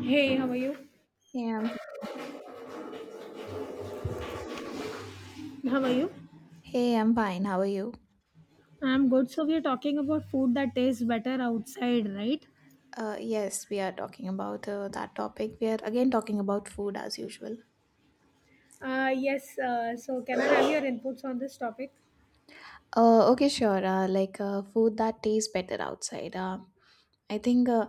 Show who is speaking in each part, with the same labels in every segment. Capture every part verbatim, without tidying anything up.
Speaker 1: Hey, how are you?
Speaker 2: Hey, I'm,
Speaker 1: How are you?
Speaker 2: Hey, I'm fine. How are you?
Speaker 1: I'm good. So we are talking about food that tastes better outside, right?
Speaker 2: Uh, yes, we are talking about uh, that topic. We are again talking about food as usual.
Speaker 1: Uh, yes, uh, so can I have your inputs on this topic?
Speaker 2: Uh, okay, sure. Uh, like uh, food that tastes better outside. Uh, I think, uh,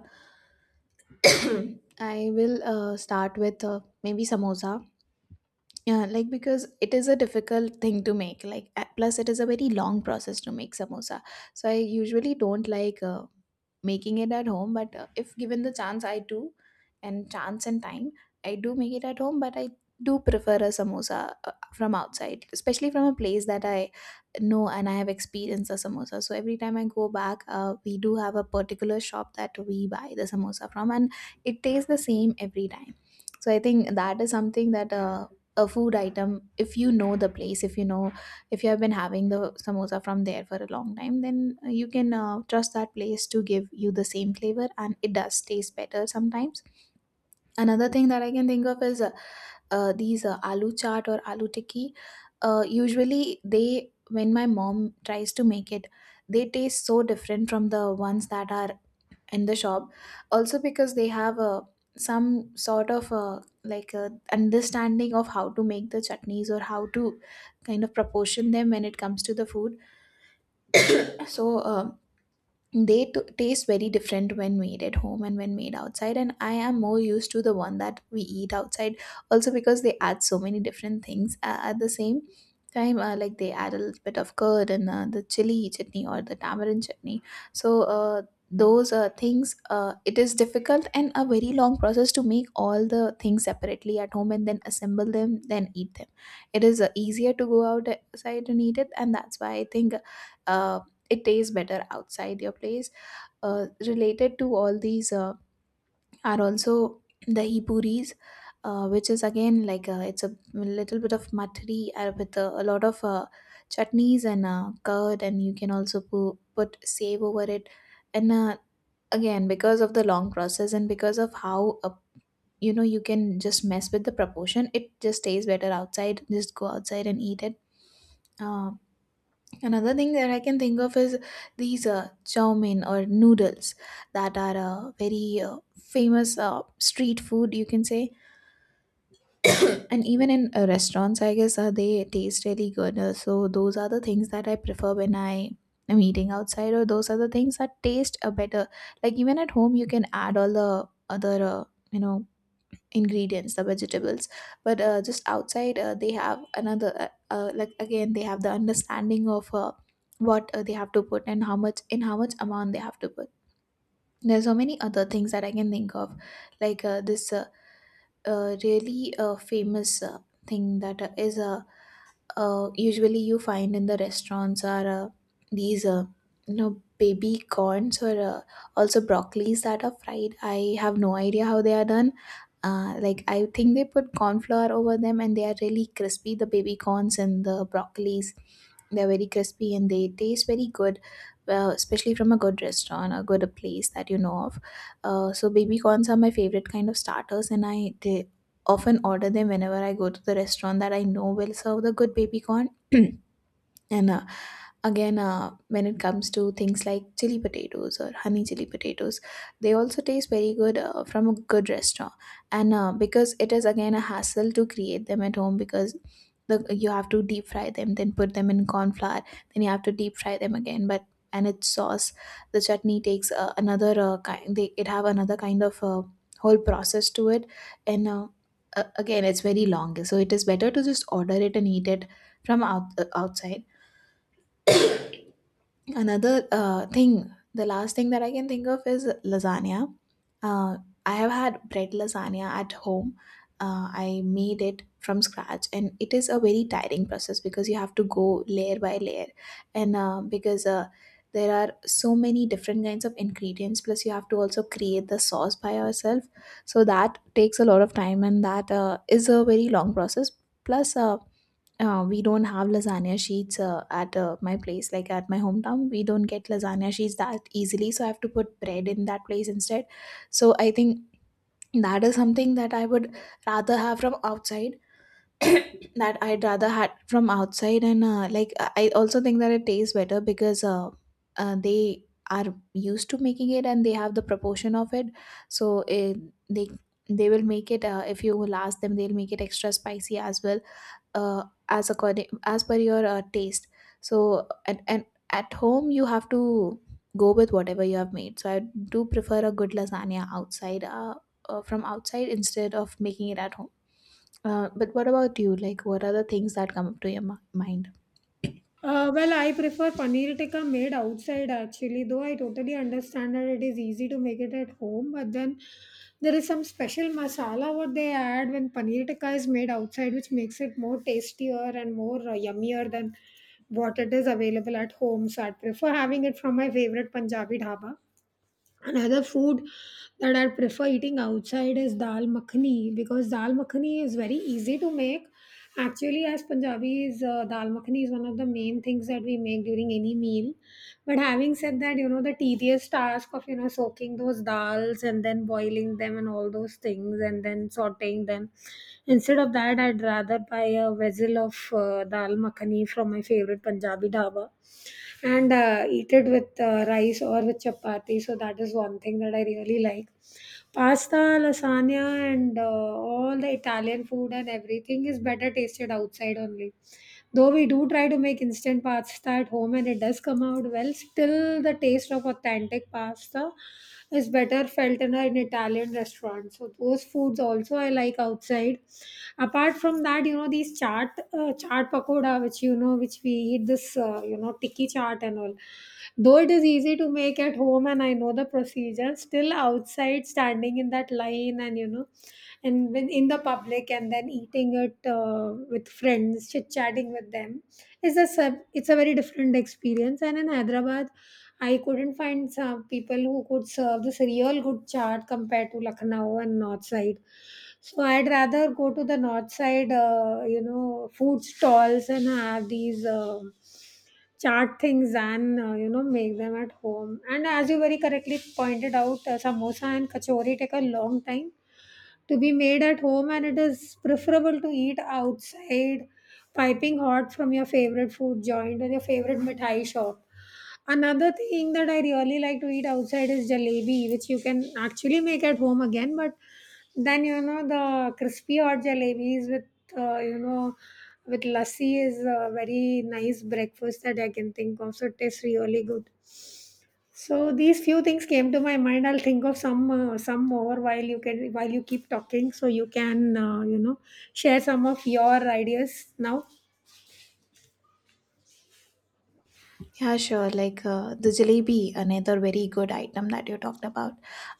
Speaker 2: I will uh, start with uh, maybe samosa. Yeah, like because it is a difficult thing to make. Like uh, plus, it is a very long process to make samosa. So I usually don't like uh, making it at home, but uh, if given the chance I do, and chance and time I do make it at home, but I do prefer a samosa uh, from outside, especially from a place that I know and I have experienced a samosa. So every time I go back, uh, we do have a particular shop that we buy the samosa from, and it tastes the same every time. So I think that is something that, uh, a food item, if you know the place, if you know, if you have been having the samosa from there for a long time, then uh, you can uh, trust that place to give you the same flavor, and it does taste better sometimes. Another thing that I can think of is uh, uh, these uh, aloo chaat or aloo tikki. Uh, usually they, when my mom tries to make it, they taste so different from the ones that are in the shop, also because they have a, some sort of a, like a understanding of how to make the chutneys, or how to kind of proportion them when it comes to the food. So uh, they t- taste very different when made at home and when made outside, and I am more used to the one that we eat outside, also because they add so many different things uh, at the same time. Uh, like, they add a little bit of curd and uh, the chili chutney or the tamarind chutney. So uh, those uh, things, uh, it is difficult and a very long process to make all the things separately at home and then assemble them, then eat them. It is uh, easier to go outside and eat it, and that's why I think uh, it tastes better outside your place. Uh, related to all these uh, are also dahi puris, uh, which is again like, uh, it's a little bit of matri uh, with a, a lot of uh, chutneys and uh, curd, and you can also pu- put save over it. And uh, again, because of the long process, and because of how, uh, you know, you can just mess with the proportion, it just tastes better outside. Just go outside and eat it. uh, Another thing that I can think of is these uh, chow mein or noodles that are uh, very uh, famous uh, street food, you can say. And even in uh, restaurants, I guess uh, they taste really good. Uh, so those are the things that I prefer when I am eating outside, or those are the things that taste uh, better. Like, even at home, you can add all the other, uh, you know, ingredients, the vegetables, but uh, just outside uh, they have another uh, uh, like, again they have the understanding of uh, what uh, they have to put, and how much, in how much amount they have to put. There's so many other things that I can think of, like uh, this uh, uh, really uh, famous uh, thing that uh, is a, uh, usually you find in the restaurants are uh, these uh, you know, baby corns, or uh, also broccolis, that are fried. I have no idea how they are done. Uh, like, I think they put corn flour over them, and they are really crispy, the baby corns and the broccolis. They're very crispy and they taste very good, well, especially from a good restaurant, a good place that you know of. Uh, so baby corns are my favorite kind of starters, and I they, often order them whenever I go to the restaurant that I know will serve the good baby corn. And uh, again, uh, when it comes to things like chili potatoes or honey chili potatoes, they also taste very good uh, from a good restaurant. And uh, because it is again a hassle to create them at home, because the, you have to deep fry them, then put them in corn flour, then you have to deep fry them again, but and its sauce, the chutney takes uh, another uh, kind, they it have another kind of uh, whole process to it. And uh, uh, again, it's very long, so it is better to just order it and eat it from out, uh, outside. Another uh, thing, the last thing that I can think of, is lasagna. Uh, I have had bread lasagna at home. Uh, I made it from scratch, and it is a very tiring process, because you have to go layer by layer, and uh, because uh, there are so many different kinds of ingredients. Plus, you have to also create the sauce by yourself, so that takes a lot of time, and that uh, is a very long process. Plus, uh, uh, we don't have lasagna sheets uh, at uh, my place, like at my hometown. We don't get lasagna sheets that easily, so I have to put bread in that place instead. So I think that is something that I would rather have from outside. That I'd rather had from outside, and uh, like, I I also think that it tastes better, because uh, uh, they are used to making it, and they have the proportion of it. So it, they they will make it, uh, if you will ask them, they'll make it extra spicy as well, uh, as according, as per your uh, taste. So and, and at home you have to go with whatever you have made, so I do prefer a good lasagna outside, uh, uh, from outside, instead of making it at home. Uh, but what about you? Like, what are the things that come up to your mi- mind?
Speaker 1: Uh, well, I prefer paneer tikka made outside, actually, though I totally understand that it is easy to make it at home, but then there is some special masala what they add when paneer tikka is made outside, which makes it more tastier and more uh, yummier than what it is available at home. So I prefer having it from my favorite Punjabi dhaba. Another food that I prefer eating outside is dal makhani, because dal makhani is very easy to make. Actually, as Punjabis, uh, dal makhani is one of the main things that we make during any meal. But having said that, you know, the tedious task of, you know, soaking those dals and then boiling them and all those things and then sauteing them. Instead of that, I'd rather buy a vessel of uh, dal makhani from my favorite Punjabi dhaba and uh, eat it with uh, rice or with chapati. So that is one thing that I really like. Pasta, lasagna, and uh, all the Italian food and everything is better tasted outside only. Though we do try to make instant pasta at home and it does come out well, still the taste of authentic pasta is better felt in an Italian restaurant. So those foods also I like outside. Apart from that, you know these chaat uh, chaat pakoda, which you know which we eat this, uh, you know tikki chaat and all. Though it is easy to make at home and I know the procedure, still outside standing in that line, and you know and when in the public and then eating it uh, with friends, chit chatting with them, is a sub- it's a very different experience. And in Hyderabad, I couldn't find some people who could serve this real good chaat compared to Lucknow and north side, so I'd rather go to the north side uh, you know food stalls and have these uh, chart things and uh, you know make them at home. And as you very correctly pointed out, uh, samosa and kachori take a long time to be made at home and it is preferable to eat outside, piping hot, from your favorite food joint or your favorite mithai shop. Another thing that I really like to eat outside is jalebi, which you can actually make at home again, but then you know the crispy hot jalebis with uh, you know with lassi is a very nice breakfast that I can think of, so it tastes really good. So these few things came to my mind. I'll think of some uh, some more while you can while you keep talking, so you can uh, you know share some of your ideas now.
Speaker 2: Yeah, sure. Like uh, the jalebi, another very good item that you talked about.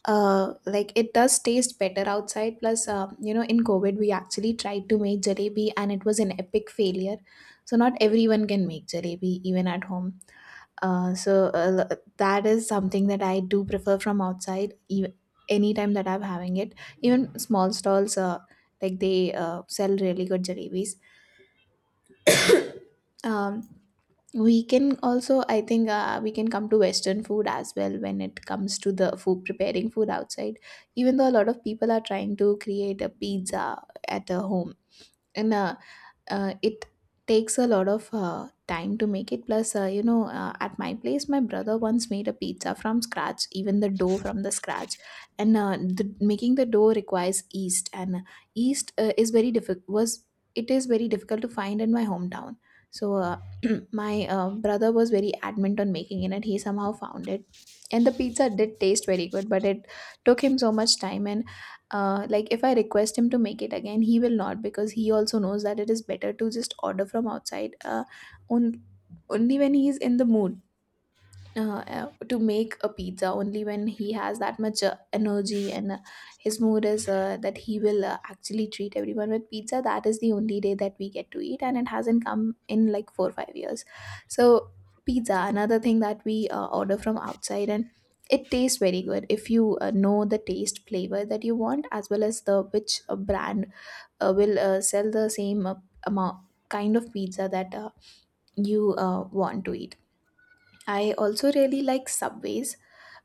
Speaker 2: Uh, like, it does taste better outside. Plus, uh, you know, in COVID we actually tried to make jalebi, and it was an epic failure. So, not everyone can make jalebi even at home. Uh, so, uh, l- that is something that I do prefer from outside, even anytime that I'm having it. Even small stalls, uh, like, they uh, sell really good jalebis. Um, we can also, I think, uh, we can come to western food as well, when it comes to the food, preparing food outside. Even though a lot of people are trying to create a pizza at a home in a, uh, it takes a lot of uh, time to make it. Plus, uh, you know, uh, at my place my brother once made a pizza from scratch, even the dough from the scratch. And uh, the, making the dough requires yeast, and yeast uh, is very difficult, was it is very difficult to find in my hometown. So uh, my uh, brother was very adamant on making it, and he somehow found it, and the pizza did taste very good, but it took him so much time. And uh, like, if I request him to make it again, he will not, because he also knows that it is better to just order from outside. uh, on, Only when he is in the mood, uh, uh, to make a pizza, only when he has that much uh, energy, and uh, his mood is uh, that, he will uh, actually treat everyone with pizza, that is the only day that we get to eat, and it hasn't come in like four or five years. So pizza, another thing that we uh, order from outside, and it tastes very good if you uh, know the taste, flavor that you want, as well as the, which uh, brand uh, will uh, sell the same uh, amount, kind of pizza that uh, you uh, want to eat. I also really like Subways,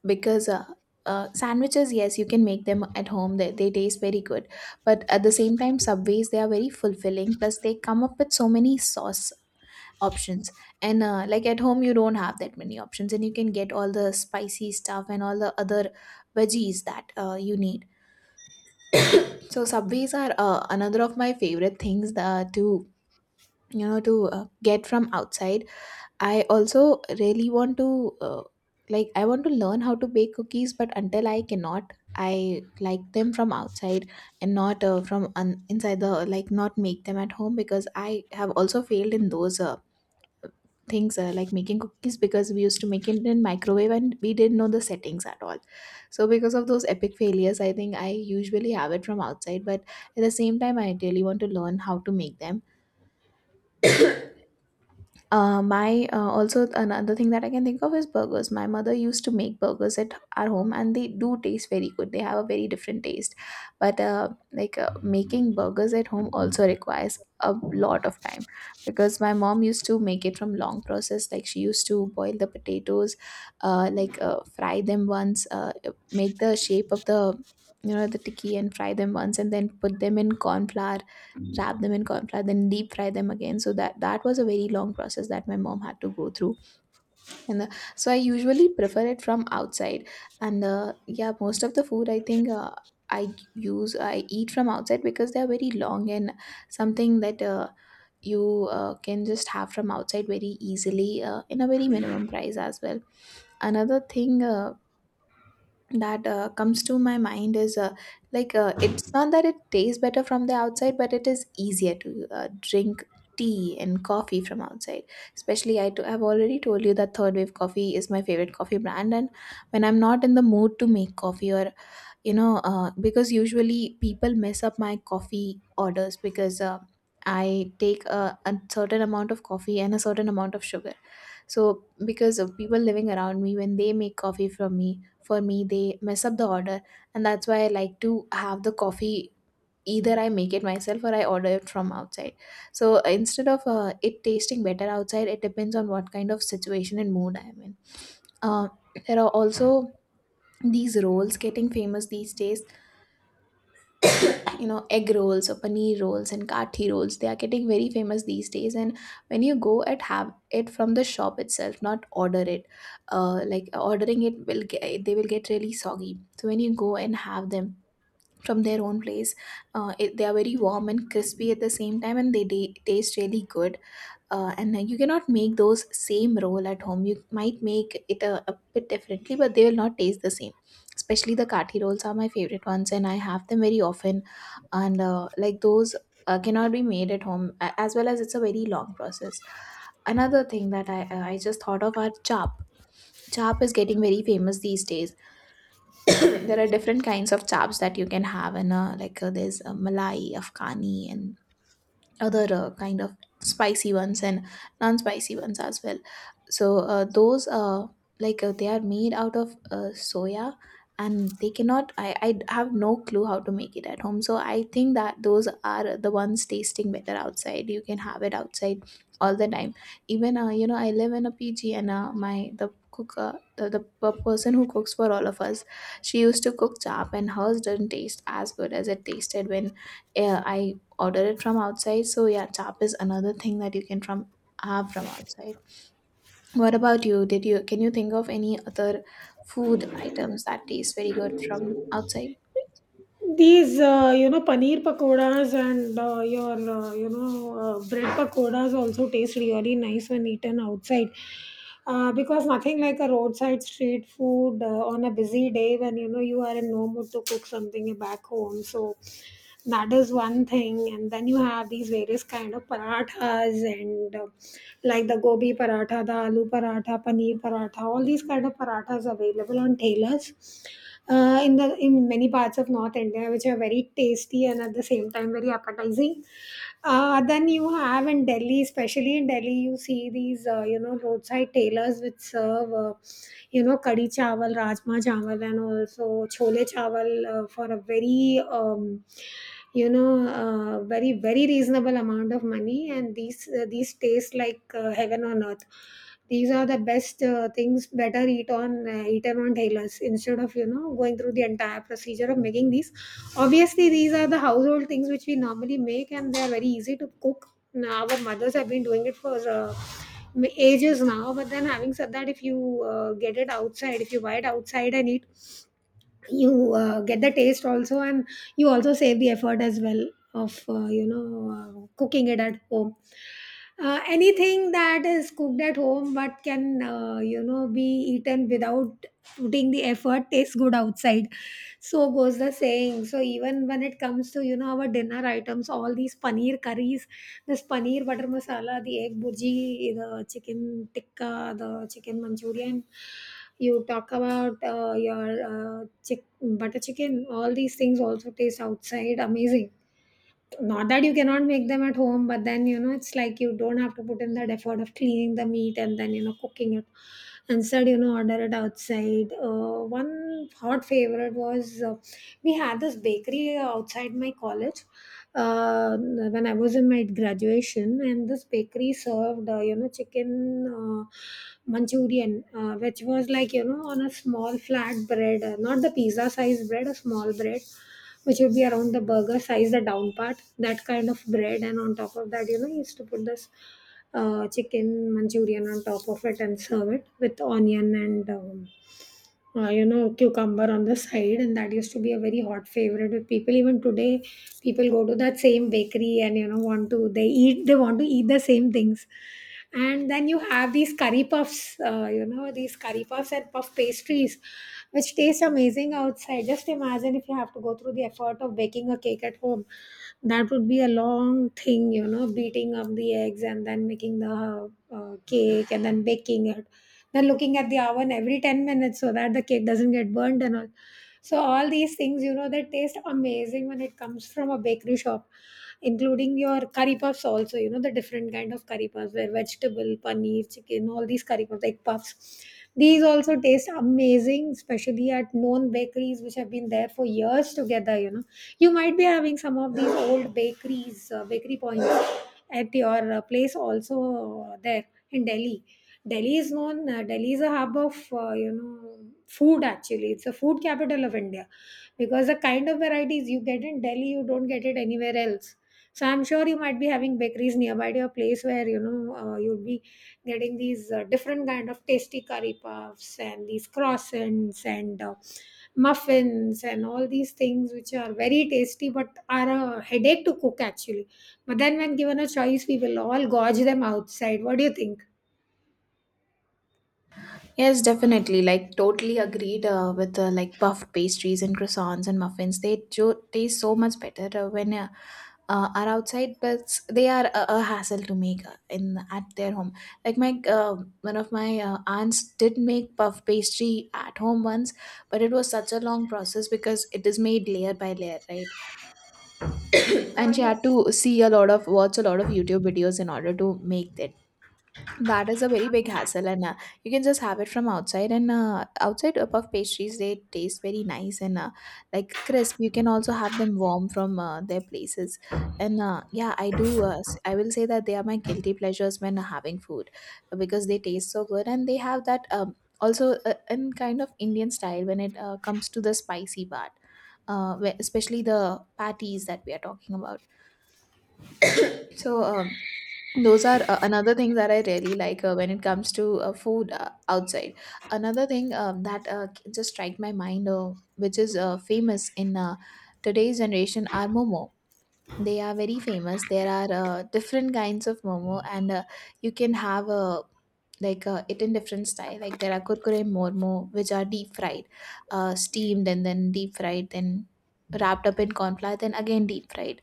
Speaker 2: because uh, uh, sandwiches, yes you can make them at home, they, they taste very good. But at the same time, subways, they are very fulfilling, plus they come up with so many sauce options. And uh, like, at home you don't have that many options, and you can get all the spicy stuff and all the other veggies that uh, you need. So subways are uh, another of my favorite things uh, to, you know to uh, get from outside. I also really want to uh, like, I want to learn how to bake cookies, but until I cannot, I like them from outside, and not uh, from un- inside the like not make them at home because I have also failed in those uh, things uh, like making cookies because we used to make it in microwave and we didn't know the settings at all. So because of those epic failures, I think I usually have it from outside, but at the same time, I really want to learn how to make them Uh, my uh, Also another thing that I can think of is burgers. My mother used to make burgers at our home, and they do taste very good. They have a very different taste, but uh, like uh, making burgers at home also requires a lot of time because my mom used to make it from long process. Like she used to boil the potatoes, uh, like uh, fry them once, uh, make the shape of the you know the tikki and fry them once, and then put them in corn flour, wrap them in corn flour, then deep fry them again, so that that was a very long process that my mom had to go through. And uh, So I usually prefer it from outside. And uh, Yeah, most of the food, I think, uh, i use i eat from outside because they are very long and something that uh, you uh, can just have from outside very easily uh, in a very minimum price as well. Another thing uh, that uh, comes to my mind is uh, like uh, it's not that it tastes better from the outside, but it is easier to uh, drink tea and coffee from outside. Especially, I t- I've already told you that third wave coffee is my favorite coffee brand, and when I'm not in the mood to make coffee or you know uh, because usually people mess up my coffee orders because uh, I take a, a certain amount of coffee and a certain amount of sugar. So because of people living around me, when they make coffee from me for me, they mess up the order, and that's why I like to have the coffee. Either I make it myself or I order it from outside. So uh, instead of uh, it tasting better outside, it depends on what kind of situation and mood I am in. Uh, there are also these roles getting famous these days, you know, egg rolls or paneer rolls and kathi rolls, they are getting very famous these days. And when you go and have it from the shop itself, not order it, uh, like ordering it will get, they will get really soggy. So when you go and have them from their own place, uh, it, they are very warm and crispy at the same time, and they, they taste really good. Uh, and then you cannot make those same roll at home. You might make it a, a bit differently, but they will not taste the same. Especially the kathi rolls are my favorite ones, and I have them very often. And uh, like those uh, cannot be made at home, a- as well as it's a very long process. Another thing that i uh, i just thought of are chap. Chap is getting very famous these days. There are different kinds of chaps that you can have, and uh, like uh, there's uh, malai, afghani, and other uh, kind of spicy ones, and non-spicy ones as well. So uh, those uh, like uh, they are made out of uh, soya, and they cannot I, I have no clue how to make it at home. So I think that those are the ones tasting better outside. You can have it outside all the time. Even, uh, you know, I live in a pg, and uh, my the cook, uh, the, the p- person who cooks for all of us, she used to cook chap and hers didn't taste as good as it tasted when uh, I ordered it from outside. So yeah, chap is another thing that you can from have from outside. What about you? Did you Can you think of any other food items that taste very good from outside?
Speaker 1: These, uh, you know, paneer pakoras, and uh, your, uh, you know, uh, bread pakoras also taste really nice when eaten outside. Uh, because nothing like a roadside street food uh, on a busy day when, you know, you are in no mood to cook something back home. So that is one thing. And then you have these various kind of parathas, and uh, like the gobi paratha, the aloo paratha, paneer paratha, all these kind of parathas available on tailors uh, in the in many parts of North India, which are very tasty and at the same time very appetizing. Uh, then you have in Delhi, especially in Delhi, you see these uh, you know roadside tailors which serve uh, you know kadi chawal, rajma chawal, and also chole chawal uh, for a very, um, you know uh, very, very reasonable amount of money, and these uh, these taste like uh, heaven on earth. These are the best uh, things. Better eat on uh, eat them on halos instead of, you know going through the entire procedure of making these. Obviously, these are the household things which we normally make, and they are very easy to cook. Now, our mothers have been doing it for. Uh, m- ages now. But then, having said that, if you uh, get it outside, if you buy it outside and eat, you uh, get the taste also, and you also save the effort as well of uh, you know uh, cooking it at home. Uh, anything that is cooked at home but can uh, you know be eaten without putting the effort tastes good outside, so goes the saying. So even when it comes to, you know our dinner items, all these paneer curries, this paneer butter masala, the egg burji, the chicken tikka, the chicken Manchurian. You talk about uh, your uh, chick- butter chicken. All these things also taste outside amazing. Not that you cannot make them at home, but then, you know it's like you don't have to put in that effort of cleaning the meat and then, you know cooking it. Instead, you know order it outside. Uh, one hot favorite was, uh, we had this bakery outside my college uh, when I was in my graduation, and this bakery served uh, you know chicken uh, Manchurian, uh, which was like, you know on a small flat bread, uh, not the pizza size bread, a small bread, which would be around the burger size, the down part, that kind of bread, and on top of that, you know he used to put this uh, chicken manchurian on top of it and serve it with onion and um, uh, you know cucumber on the side, and that used to be a very hot favorite with people. Even today people go to that same bakery and, you know want to they eat they want to eat the same things. And then you have these curry puffs uh, you know these curry puffs and puff pastries which taste amazing outside. Just imagine if you have to go through the effort of baking a cake at home. That would be a long thing, you know beating up the eggs and then making the uh, cake and then baking it, they're looking at the oven every ten minutes so that the cake doesn't get burnt and all. So all these things, you know, they taste amazing when it comes from a bakery shop, including your curry puffs also, you know, the different kind of curry puffs, where vegetable, paneer, chicken, all these curry puffs, egg puffs. These also taste amazing, especially at known bakeries which have been there for years together, you know. You might be having some of these old bakeries, uh, bakery points at your uh, place also, uh, there in Delhi. Delhi is known. Uh, Delhi is a hub of uh, you know food. Actually, it's a food capital of India, because the kind of varieties you get in Delhi, you don't get it anywhere else. So I'm sure you might be having bakeries nearby to your place where, you know uh, you'll be getting these uh, different kind of tasty curry puffs and these croissants and uh, muffins and all these things, which are very tasty but are a headache to cook, actually. But then, when given a choice, we will all gorge them outside. What do you think?
Speaker 2: Yes, definitely. Like, totally agreed uh, with uh, like puffed pastries and croissants and muffins. They jo- taste so much better uh, when uh, uh, are outside, but they are a, a hassle to make uh, in at their home. Like my uh, one of my uh, aunts did make puff pastry at home once, but it was such a long process because it is made layer by layer, right? And
Speaker 1: Uh,
Speaker 2: she
Speaker 1: yeah.
Speaker 2: had to see a lot of watch a lot of youtube videos in order to make that. That is a very big hassle, and uh, you can just have it from outside. And uh, outside uh, puff pastries, they taste very nice and uh, like crisp. You can also have them warm from uh, their places. And uh, yeah, I do uh, s- I will say that they are my guilty pleasures when having food because they taste so good. And they have that, um, also uh, in kind of indian style when it uh, comes to the spicy part, uh, where- especially the patties that we are talking about. So um, those are uh, another thing that I really like uh, when it comes to uh, food uh, outside. Another thing, um, that uh, c- just strike my mind, uh, which is uh, famous in uh, today's generation, are momo. They are very famous. There are uh, different kinds of momo, and uh, you can have uh, like uh, it in different style. Like there are kurkure momo, which are deep fried, uh, steamed and then deep fried, then wrapped up in corn flour, then again deep fried.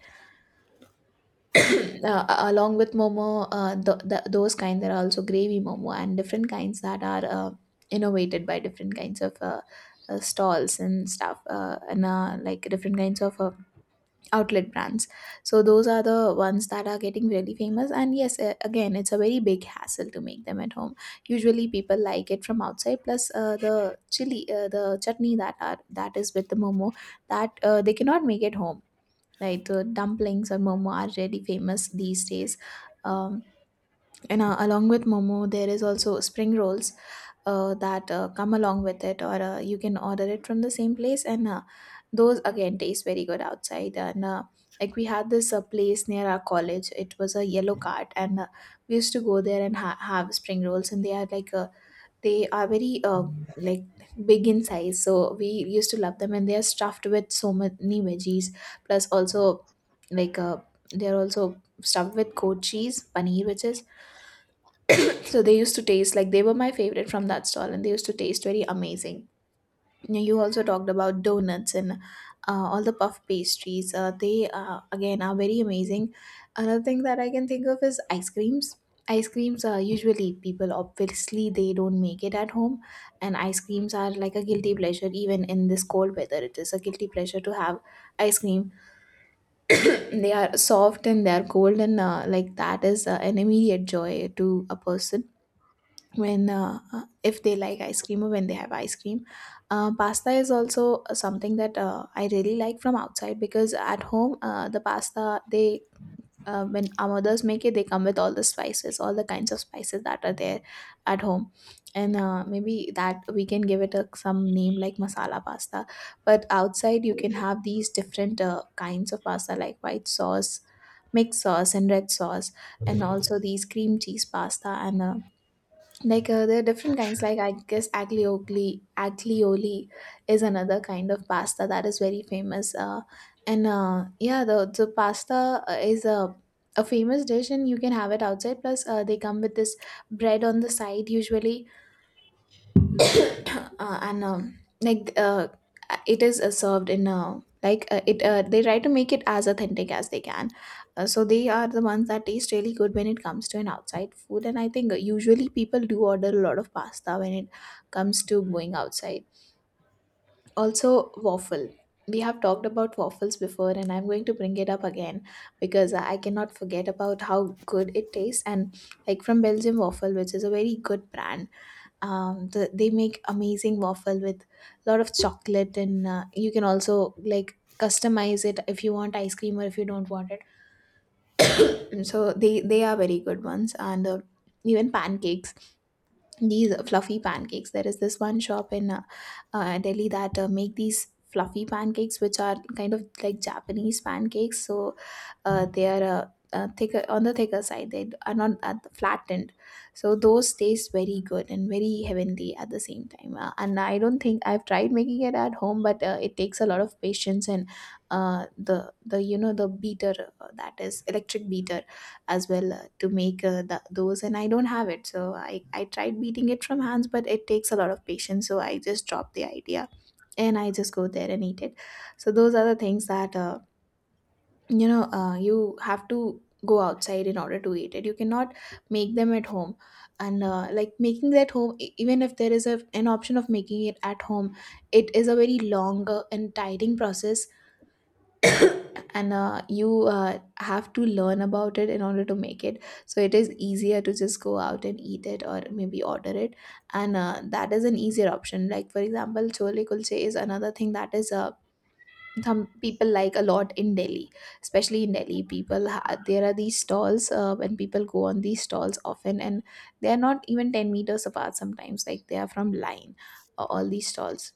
Speaker 2: uh, Along with momo, uh, th- th- those kind, there are also gravy momo and different kinds that are uh, innovated by different kinds of uh, uh, stalls and stuff, uh, and uh, like different kinds of uh, outlet brands. So those are the ones that are getting really famous. And yes, uh, again, it's a very big hassle to make them at home. Usually, people like it from outside. Plus, uh, the chili, uh, the chutney that are that is with the momo, that uh, they cannot make at home. Like, uh, dumplings or momo are really famous these days. Um, and uh, Along with momo, there is also spring rolls uh, that uh, come along with it, or uh, you can order it from the same place. And uh, Those again taste very good outside. And uh, Like, we had this uh, place near our college, it was a yellow cart, and uh, we used to go there and ha- have spring rolls, and they are like a they are very uh, like big in size, so we used to love them. And they are stuffed with so many veggies, plus also like uh, they are also stuffed with goat cheese paneer, which is, so they used to taste like they were my favorite from that stall, and they used to taste very amazing. Yeah, you also talked about donuts and uh, all the puff pastries, uh, they uh, again are very amazing. Another thing that I can think of is ice creams. Ice creams are usually, people obviously they don't make it at home. And ice creams are like a guilty pleasure. Even in this cold weather, it is a guilty pleasure to have ice cream. They are soft and they are cold, and uh, like that is uh, an immediate joy to a person when uh, uh, if they like ice cream or when they have ice cream. Uh, pasta is also uh, something that uh, I really like from outside, because at home uh, the pasta, they, uh, when our mothers make it, they come with all the spices, all the kinds of spices that are there at home. And uh, maybe that we can give it a, some name like masala pasta. But outside you can have these different uh, kinds of pasta, like white sauce, mixed sauce, and red sauce, and also these cream cheese pasta. And uh, like uh, there are different kinds, like I guess aglioli aglioli is another kind of pasta that is very famous. Uh, and uh, Yeah, the, the pasta uh, is a a famous dish, and you can have it outside. Plus uh, they come with this bread on the side usually. Uh, and um, like uh, It is uh, served in, uh, like uh, it uh, they try to make it as authentic as they can. Uh, so they are the ones that taste really good when it comes to an outside food. And I think uh, usually people do order a lot of pasta when it comes to going outside. Also waffle. We have talked about waffles before and I'm going to bring it up again because I cannot forget About how good it tastes. And like, from Belgium Waffle, which is a very good brand. Um the, they make amazing waffle with a lot of chocolate, and uh, you can also like customize it if you want ice cream or if you don't want it. And so they they are very good ones, and uh, even pancakes, these fluffy pancakes. There is this one shop in uh, uh, Delhi that uh, make these fluffy pancakes which are kind of like Japanese pancakes. So uh, they are uh, uh, thicker, on the thicker side. They are not uh, flattened. So those taste very good and very heavenly at the same time. Uh, and I don't think I've tried making it at home, but uh, it takes a lot of patience, and uh, the the you know, the beater, uh, that is electric beater as well, uh, to make uh, th- those. And I don't have it, so I, I tried beating it from hands, but it takes a lot of patience, so I just dropped the idea and I just go there and eat it. So those are the things that uh, you know uh, you have to go outside in order to eat it. You cannot make them at home. And uh, like making that home, e- even if there is a, an option of making it at home, it is a very long uh, and tiring process. And uh, you uh, have to learn about it in order to make it, so it is easier to just go out and eat it or maybe order it. And uh, that is an easier option. Like for example, chole kulche is another thing that is, uh, some people like a lot in Delhi. Especially in Delhi, people ha- there are these stalls, uh, when people go on these stalls often, and they are not even ten meters apart sometimes, like they are from line, uh, all these stalls.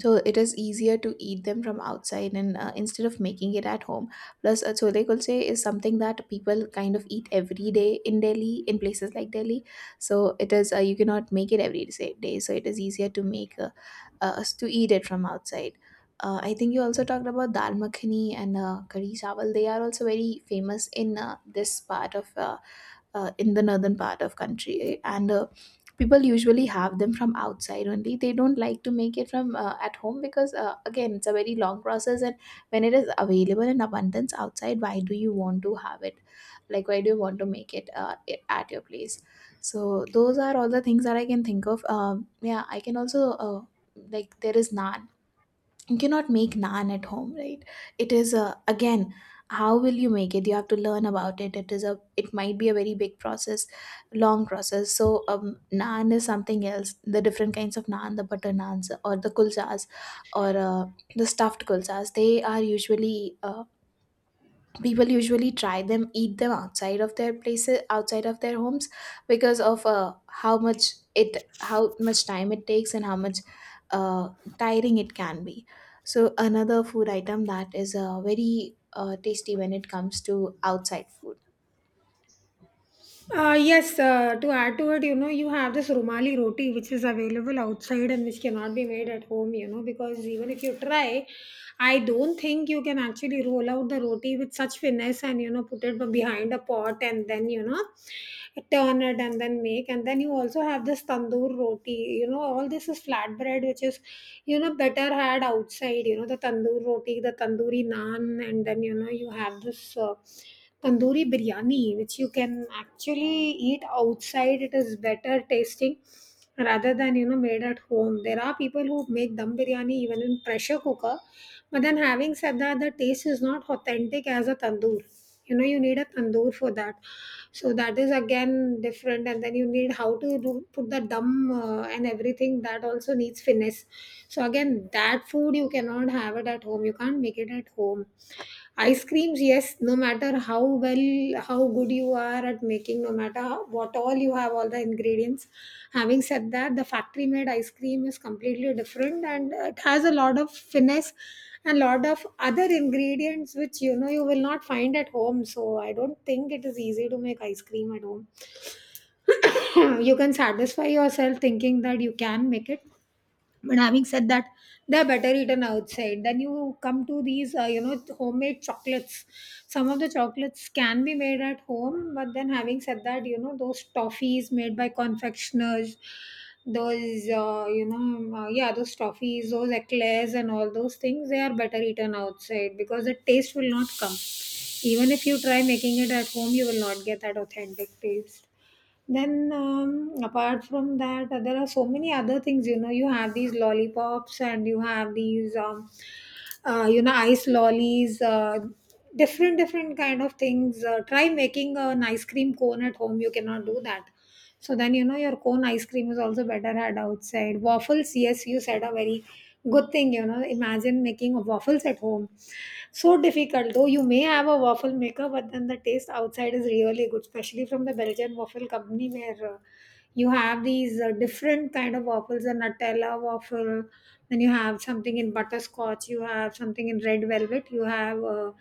Speaker 2: So it is easier to eat them from outside and uh, instead of making it at home. Plus uh, chole kulche is something that people kind of eat every day in Delhi, in places like Delhi. So it is uh, you cannot make it every sa- day, so it is easier to make uh, uh, us to eat it from outside. uh, I think you also talked about dal makhani and uh, kari chawal. They are also very famous in uh, this part of uh, uh, in the northern part of country, eh? And uh, people usually have them from outside only. They don't like to make it from uh, at home, because uh, again, it's a very long process. And when it is available in abundance outside, why do you want to have it? Like why do you want to make it uh, i- at your place? So those are all the things that I can think of. Um, yeah, I can also uh, like, there is naan. You cannot make naan at home, right? It is a, again, how will you make it? You have to learn about it. It is a, it might be a very big process, long process. So um, naan is something else. The different kinds of naan, the butter naans or the kulchas, or uh, the stuffed kulchas, they are usually, uh, people usually try them, eat them outside of their places, outside of their homes, because of uh, how much it, how much time it takes and how much uh, tiring it can be. So another food item that is uh, very uh, tasty when it comes to outside food.
Speaker 1: Uh, yes, uh, to add to it, you know, you have this Rumali roti, which is available outside and which cannot be made at home, you know, because even if you try, I don't think you can actually roll out the roti with such finesse and, you know, put it behind a pot and then, you know, turn it and then make. And then you also have this tandoor roti. You know, all this is flatbread which is, you know, better had outside, you know, the tandoor roti, the tandoori naan, and then, you know, you have this. Uh, tandoori biryani, which you can actually eat outside, it is better tasting rather than, you know made at home. There are people who make dum biryani even in pressure cooker, but then having said that, the taste is not authentic as a tandoor. You know you need a tandoor for that. So that is again different, and then you need how to do, put the dum, uh, and everything, that also needs finesse. So again, that food you cannot have it at home, you can't make it at home. Ice creams, yes, no matter how well, how good you are at making, no matter how, what all you have, all the ingredients. Having said that, the factory made ice cream is completely different and it has a lot of finesse and lot of other ingredients which, you know you will not find at home. So I don't think it is easy to make ice cream at home. You can satisfy yourself thinking that you can make it, but having said that, they're better eaten outside. Then you come to these, uh, you know, homemade chocolates. Some of the chocolates can be made at home, but then having said that, you know, those toffees made by confectioners, those, uh, you know, um, uh, yeah, those toffees, those eclairs, and all those things, they are better eaten outside, because the taste will not come. Even if you try making it at home, you will not get that authentic taste. Then, um, apart from that, uh, there are so many other things. You know, you have these lollipops, and you have these, um, uh, you know, ice lollies. Uh, different different kind of things, uh, try making an ice cream cone at home, you cannot do that. So then, you know your cone ice cream is also better had outside. Waffles, yes, you said, are very good thing. You know, imagine making waffles at home. So difficult, though you may have a waffle maker, but then the taste outside is really good, especially from the Belgian waffle company, where uh, you have these uh, different kind of waffles, a Nutella waffle, then you have something in butterscotch, you have something in red velvet, you have. Uh,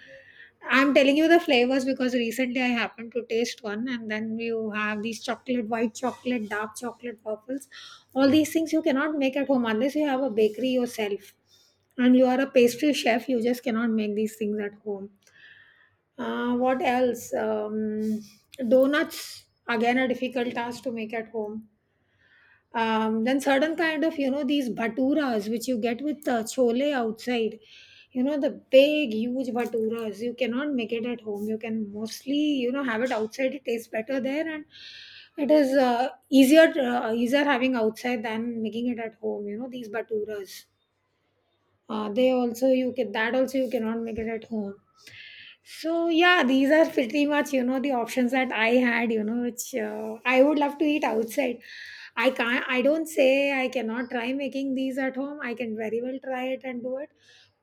Speaker 1: I'm telling you the flavors because recently I happened to taste one, and then you have these chocolate, white chocolate, dark chocolate, purples. All these things you cannot make at home unless you have a bakery yourself and you are a pastry chef. You just cannot make these things at home. Uh, what else? Um, donuts, again, a difficult task to make at home. Um, then certain kind of, you know these baturas which you get with uh, chole outside, you know the big huge baturas, you cannot make it at home. You can mostly, you know have it outside, it tastes better there, and it is uh, easier uh, easier having outside than making it at home. You know these baturas, uh, they also, you can, that also you cannot make it at home. So yeah, these are pretty much, you know the options that I had, you know which uh, I would love to eat outside. i can't I don't say I cannot try making these at home, I can very well try it and do it.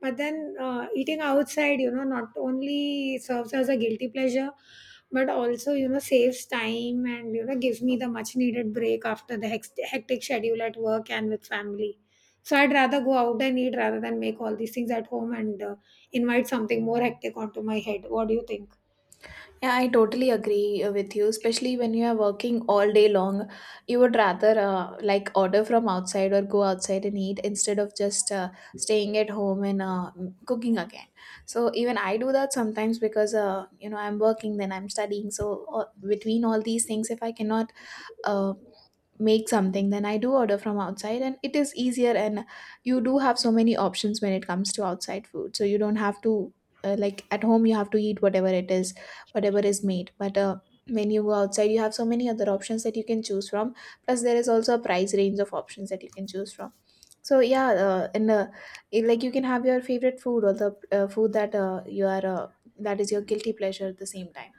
Speaker 1: But then, uh, eating outside, you know not only serves as a guilty pleasure, but also, you know saves time, and, you know gives me the much needed break after the hex- hectic schedule at work and with family. So I'd rather go out and eat rather than make all these things at home and uh, invite something more hectic onto my head. What do you think?
Speaker 2: Yeah, I totally agree uh, with you, especially when you are working all day long. You would rather uh, like order from outside or go outside and eat, instead of just uh, staying at home and uh, cooking again. So even I do that sometimes, because uh, you know, I'm working, then I'm studying. So uh, between all these things, if I cannot um make something, then I do order from outside, and it is easier. And you do have so many options when it comes to outside food, so you don't have to uh, like, at home you have to eat whatever it is, whatever is made. But uh, when you go outside, you have so many other options that you can choose from. Plus there is also a price range of options that you can choose from. So yeah, uh, and uh, it- like you can have your favorite food, or the uh, food that uh, you are uh, that is your guilty pleasure at the same time.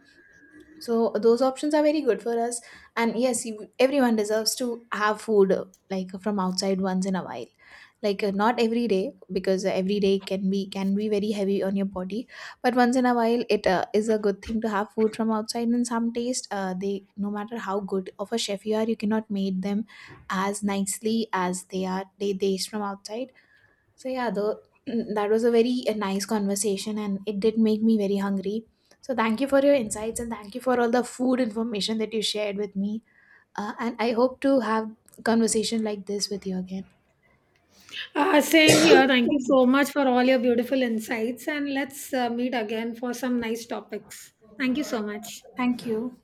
Speaker 2: So those options are very good for us. And yes, you, everyone deserves to have food uh, like from outside once in a while. Like uh, not every day, because every day can be, can be very heavy on your body. But once in a while, it uh, is a good thing to have food from outside. And some taste, uh, they, no matter how good of a chef you are, you cannot make them as nicely as they are, they taste from outside. So yeah, the that was a very a nice conversation, and it did make me very hungry. So thank you for your insights, and thank you for all the food information that you shared with me. Uh, and I hope to have conversation like this with you again.
Speaker 1: Uh, same here. Thank you so much for all your beautiful insights. And let's uh, meet again for some nice topics. Thank you so much.
Speaker 2: Thank you.